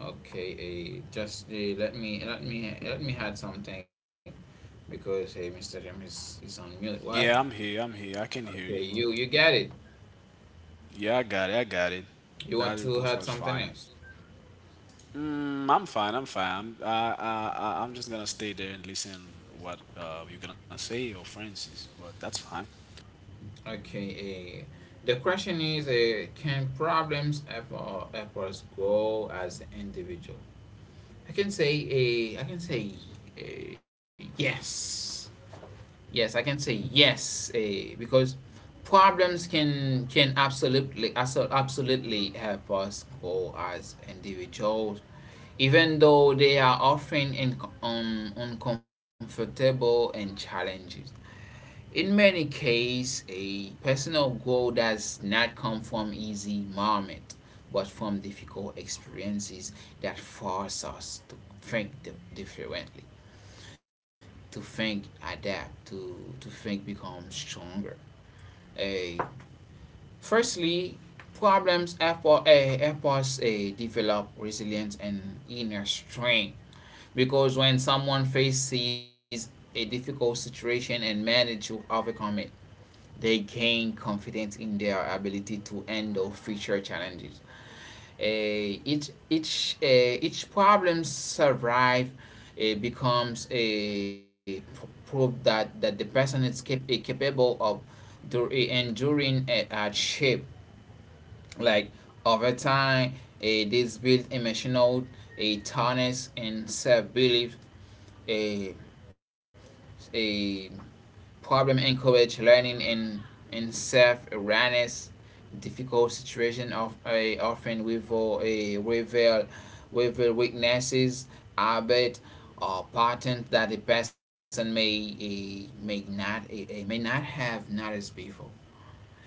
Speaker 1: Okay, just let me let me add something because hey, Mr. James is on mute. What?
Speaker 3: Yeah, I'm here, I can hear you,
Speaker 1: Okay,
Speaker 3: boy.
Speaker 1: you get it.
Speaker 3: Yeah, I got it, I got it.
Speaker 1: You
Speaker 3: That
Speaker 1: want to
Speaker 3: response
Speaker 1: add
Speaker 3: was
Speaker 1: something
Speaker 3: fine.
Speaker 1: else?
Speaker 3: Mm, I'm fine. I'm fine. I'm, I- I'm just gonna stay there and listen what you're gonna say or Francis, but that's fine.
Speaker 1: Okay, the question is, can problems ever grow as an individual? I can say, a I can say, uh, yes. Yes, I can say yes. Because problems can absolutely help us grow as individuals, even though they are often uncomfortable and challenges. In many cases, a personal growth does not come from easy moments, but from difficult experiences that force us to think differently, to think, adapt, to think, become stronger. Uh, firstly efforts develop resilience and inner strength, because when someone faces a difficult situation and manage to overcome it, they gain confidence in their ability to handle future challenges. uh, each each uh, each problem survive becomes a proof that the person is capable of enduring a hardship. Like, over time, this builds emotional, a toughness and self belief. A a. Problem encourage learning in self-awareness. Difficult situation of a often reveal weaknesses, habit, or pattern that the person may not may not have noticed before.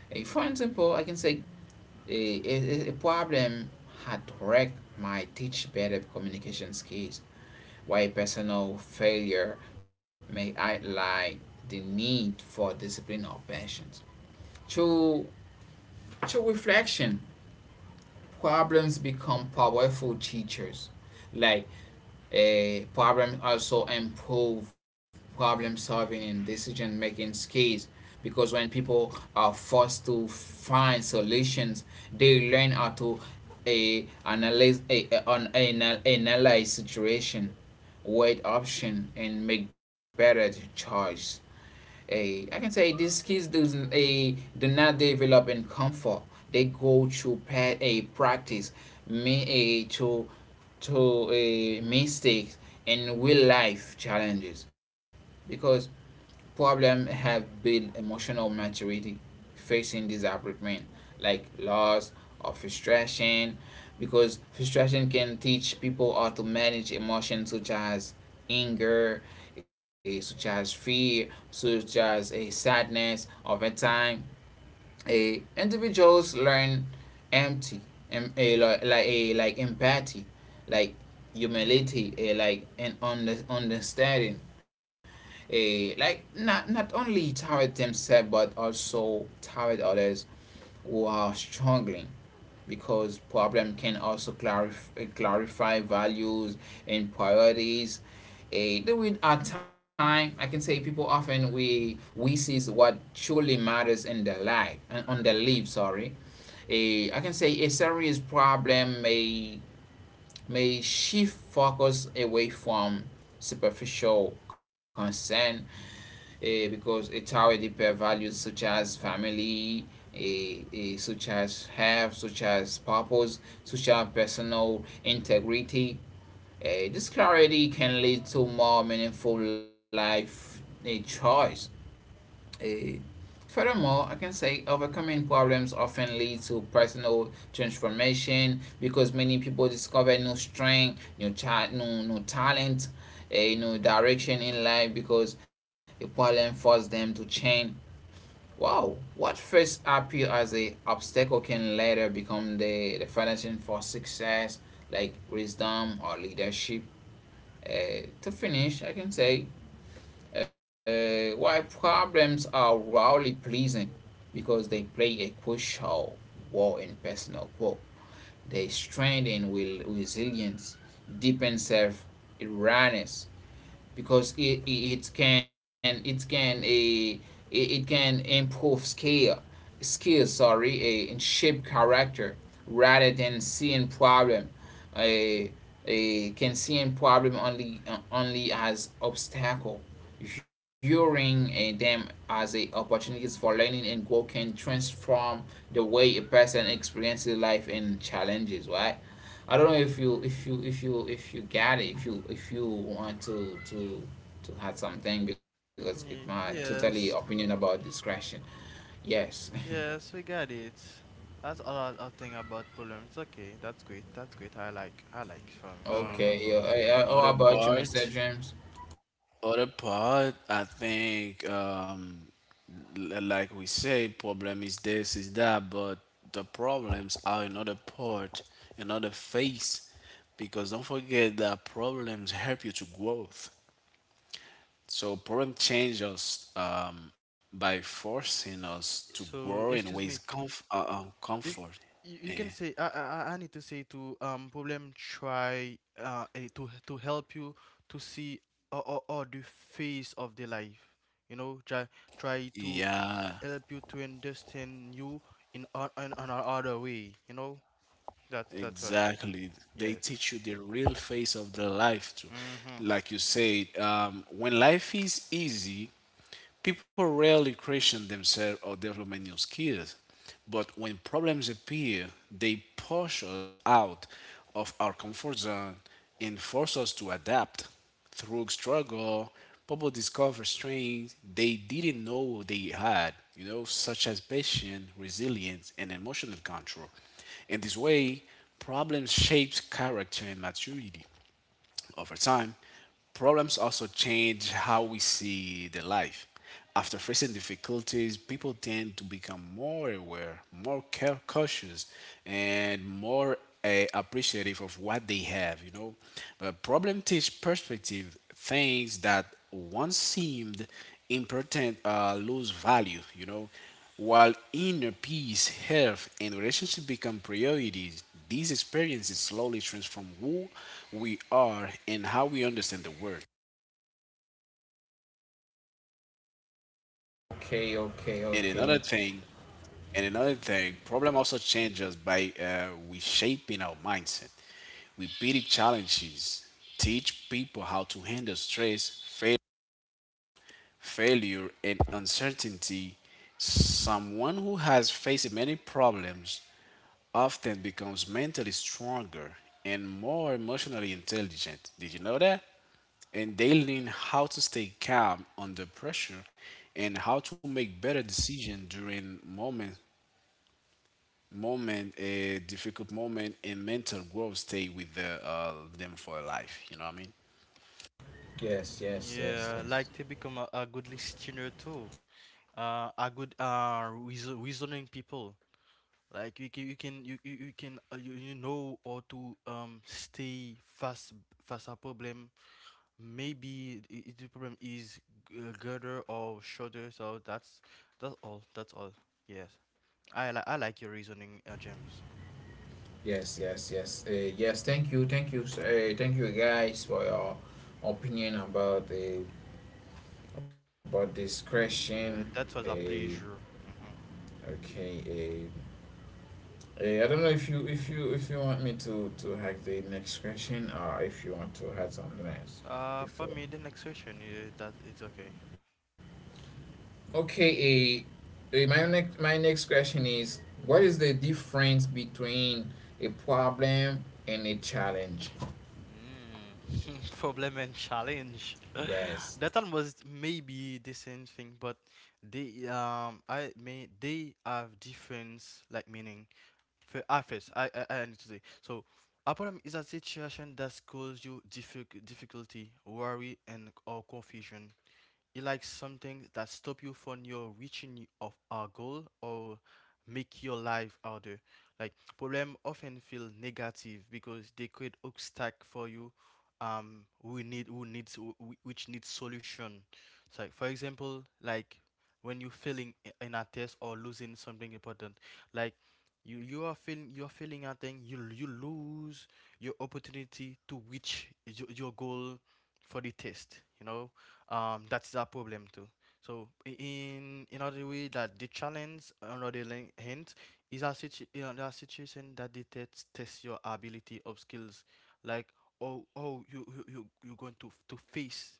Speaker 1: For example, I can say a problem had wrecked my teach better communication skills, while personal failure may highlight the need for discipline or patience. Through, Through reflection, problems become powerful teachers. Like, a problem also improve problem solving and decision making skills, because when people are forced to find solutions they learn how to a analyze a- an, anal- analyze situation, weigh option and make better choice. A, I can say these kids do a do not develop in comfort. They go to pa- a practice, me a to a mistakes and real life challenges, because problems have built emotional maturity facing desperate men, like loss or frustration, because frustration can teach people how to manage emotions such as anger, such as fear, such as a sadness. Over time, a individuals learn empty, like empathy, like humility, a, like an understanding, like not only toward themselves but also toward others who are struggling, because problem can also clarify values and priorities. There will at time, I can say people often we sees what truly matters in their life and on their life, sorry. I can say a serious problem may shift focus away from superficial concern, because it's how a deeper values such as family, such as have, such as purpose, such as personal integrity. This clarity can lead to more meaningful life A choice. Eh, Furthermore, I can say overcoming problems often leads to personal transformation, because many people discover new strength, new talent, a new direction in life, because a problem forced them to change. Wow, what first appear as a obstacle can later become the foundation for success, like wisdom or leadership. To finish, I can say why problems are rarely pleasant, because they play a crucial role in personal growth. They strengthen will resilience, deepen self awareness, because can it can a it can improve skill sorry, a and shape character rather than seeing problem a a can seeing problem only as obstacle, viewing them as a opportunities for learning and growth can transform the way a person experiences life and challenges, right? I don't know if you if you if you if you get it, if you want to add something, because it's my
Speaker 2: Mm,
Speaker 1: totally opinion
Speaker 2: yes.
Speaker 1: about discretion. Yes.
Speaker 2: Yes, we got it. That's a lot of thing about problems. It's okay. That's great, that's great. I like, I like, for me, so
Speaker 1: Okay.
Speaker 3: Oh,
Speaker 1: Yeah.
Speaker 2: mhm.
Speaker 1: How
Speaker 3: other
Speaker 1: about you,
Speaker 3: part,
Speaker 1: Mr. James?
Speaker 3: other part. I think like we say, problem is this, is that, but the problems are another part, another face, because don't forget that problems help you to growth. So problem change us by forcing us to grow
Speaker 2: So
Speaker 3: in ways
Speaker 2: excuse me. You,
Speaker 3: comfort.
Speaker 2: you
Speaker 3: Yeah,
Speaker 2: can say, I need to say to problem try to help you to see or the face of the life. You know, try try to
Speaker 3: yeah,
Speaker 2: help you to understand you in, on a other way. You know, that's why.
Speaker 3: exactly. They
Speaker 2: Yes.
Speaker 3: teach you the real face of the life too.
Speaker 2: Mm-hmm.
Speaker 3: Like you said, when life is easy, people rarely question themselves or develop new skills, but when problems appear, they push us out of our comfort zone and force us to adapt. Through struggle, people discover strengths they didn't know they had, you know, such as patience, resilience, and emotional control. In this way, problems shapes character and maturity. Over time, problems also change how we see the life. After facing difficulties, people tend to become more aware, cautious, and more appreciative of what they have. But problem teach perspective things that once seemed important lose value. While inner peace, health, and relationship become priorities, these experiences slowly transform who we are and how we understand the world.
Speaker 1: Okay. Okay.
Speaker 3: And
Speaker 1: Okay.
Speaker 3: another thing, and another thing, problem also changes by reshaping our mindset. Repeated challenges teach people how to handle failure, and uncertainty. Someone who has faced many problems often becomes mentally stronger and more emotionally intelligent. Did you know that? And they learn how to stay calm under pressure and how to make better decisions during moment moment a difficult moment and mental growth stay with them for life. You know what I mean?
Speaker 1: Yes. Yes. Yes.
Speaker 2: Yeah,
Speaker 1: Yes.
Speaker 2: like to become a good listener too. A good reason, reasoning people. Like you can you know how to stay fast, a problem. Maybe the problem is girder or shorter. So that's all. That's all. Yes, I like your reasoning, James.
Speaker 1: Yes. Yes. Yes. Yes. Thank you. Thank you. Thank you, guys, for your opinion about the about discretion.
Speaker 2: Yeah, that was a
Speaker 1: Uh,
Speaker 2: pleasure. Hmm.
Speaker 1: okay. uh, Hey, I don't know if you if you if you want me to hack the next question or if you want to hack something else
Speaker 2: For
Speaker 1: before.
Speaker 2: me, the next question is that it's okay.
Speaker 1: Okay, a, my next question is what is the difference between a problem and a challenge?
Speaker 2: Hmm. Problem and challenge.
Speaker 1: Yes.
Speaker 2: That almost maybe the same thing, but they I may they have difference like meaning. For ah, first, I need to say so. A problem is a situation that causes you difficulty, worry, and or confusion. You like something that stop you from your of our goal or make your life harder. Like problem often feel negative because they create obstacle for you. We need who needs which needs solution. So, like, for example, like when you're failing in a test or losing something important, like you're feeling a thing you you lose your opportunity to reach your goal for the test. You know, that's a problem too. So in another way that the challenge, another hint, is a, is a situation that detects test your ability of skills, like oh oh you going to to face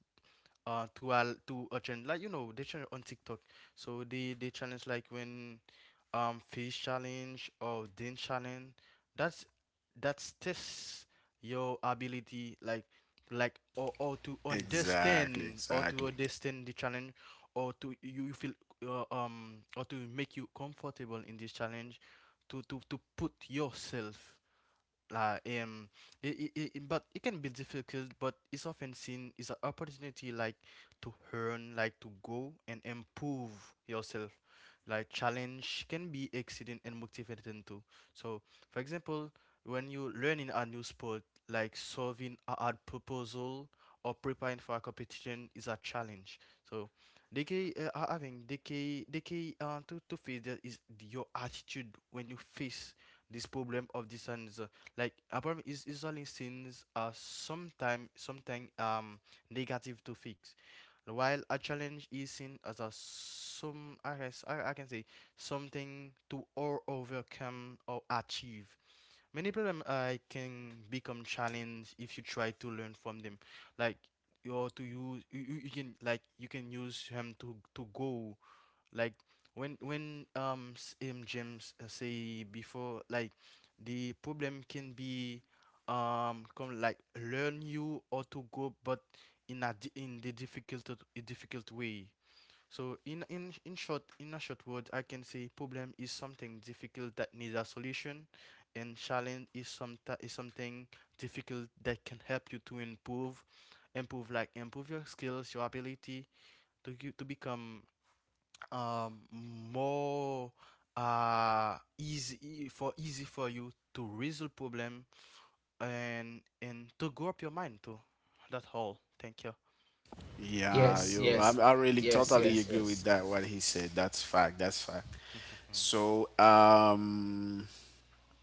Speaker 2: to al to a challenge, like you know they challenge on TikTok. So they challenge like when fish challenge or din challenge. That's that's test your ability, like
Speaker 3: Exactly,
Speaker 2: or to
Speaker 3: exactly.
Speaker 2: understand the challenge or to you, you feel or to make you comfortable in this challenge to put yourself like it, but it can be difficult but it's often seen is an opportunity, like to learn like to go and improve yourself, like challenge can be exciting and motivating too. So for example when you learning a new sport, like solving a hard proposal or preparing for a competition is a challenge. So they can having they can to face that is your attitude when you face this problem of this. And like apartment is usually seen as sometime something negative to fix, while a challenge is seen as a some, I guess, I can say something to or overcome or achieve. Many problem can become challenge if you try to learn from them, like or to use you can like you can use them to go, like when James say before, like the problem can be come like learn you or to go, but in a in the difficult a difficult way. So in short, in a short word, I can say problem is something difficult that needs a solution, and challenge is some is something difficult that can help you to improve, improve your skills, your ability to you to become more easy for easy for you to resolve problem and to grow up your mind too. That's all. Thank you.
Speaker 3: Yeah,
Speaker 1: Yes,
Speaker 3: you. I,
Speaker 1: yes,
Speaker 3: I
Speaker 1: yes,
Speaker 3: really
Speaker 1: yes,
Speaker 3: totally
Speaker 1: yes.
Speaker 3: agree with that. What he said. That's fact. That's fact. So,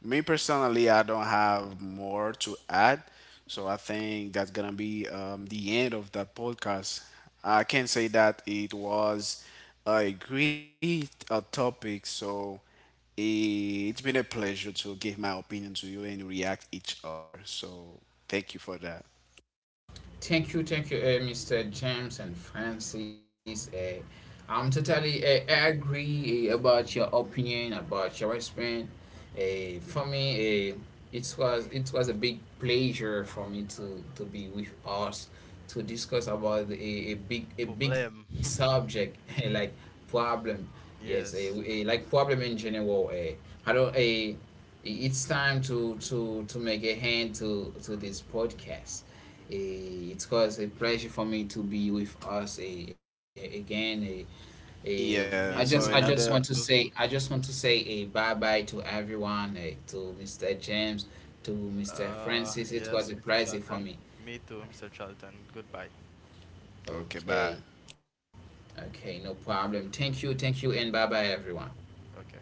Speaker 3: me personally, I don't have more to add, so I think that's gonna be the end of that podcast. I can say that it was a great topic, so it's been a pleasure to give my opinion to you and react each other. So thank you for that.
Speaker 1: Thank you, Mr. James and Francis. I'm
Speaker 2: Yes.
Speaker 1: totally agree about your opinion, about your response.
Speaker 2: Mm-hmm.
Speaker 1: For me, it was a big pleasure for me to be with us to discuss about a, a big
Speaker 2: Mm,
Speaker 1: a big
Speaker 2: problem.
Speaker 1: subject like problem. Yes,
Speaker 2: Yes.
Speaker 1: like problem in general. Eh. I don't. It's time to make a hand to this podcast a, it caused a pleasure for me to be with us a- again. A,
Speaker 3: Yeah.
Speaker 2: Me
Speaker 1: I
Speaker 3: So
Speaker 1: just
Speaker 2: too.
Speaker 1: want to
Speaker 3: another.
Speaker 2: Me
Speaker 1: say
Speaker 2: too.
Speaker 1: I just
Speaker 2: Mhm.
Speaker 1: want to say a bye bye to everyone, to Mr. James, to Mr. Francis. It was
Speaker 2: Yes,
Speaker 1: a
Speaker 2: Mr.
Speaker 1: pleasure for
Speaker 2: Charlton.
Speaker 1: me.
Speaker 2: Me too, Mr. Charlton. Goodbye.
Speaker 3: Okay. Bye.
Speaker 1: Okay, okay, no problem. Thank you, and bye bye everyone.
Speaker 2: Okay.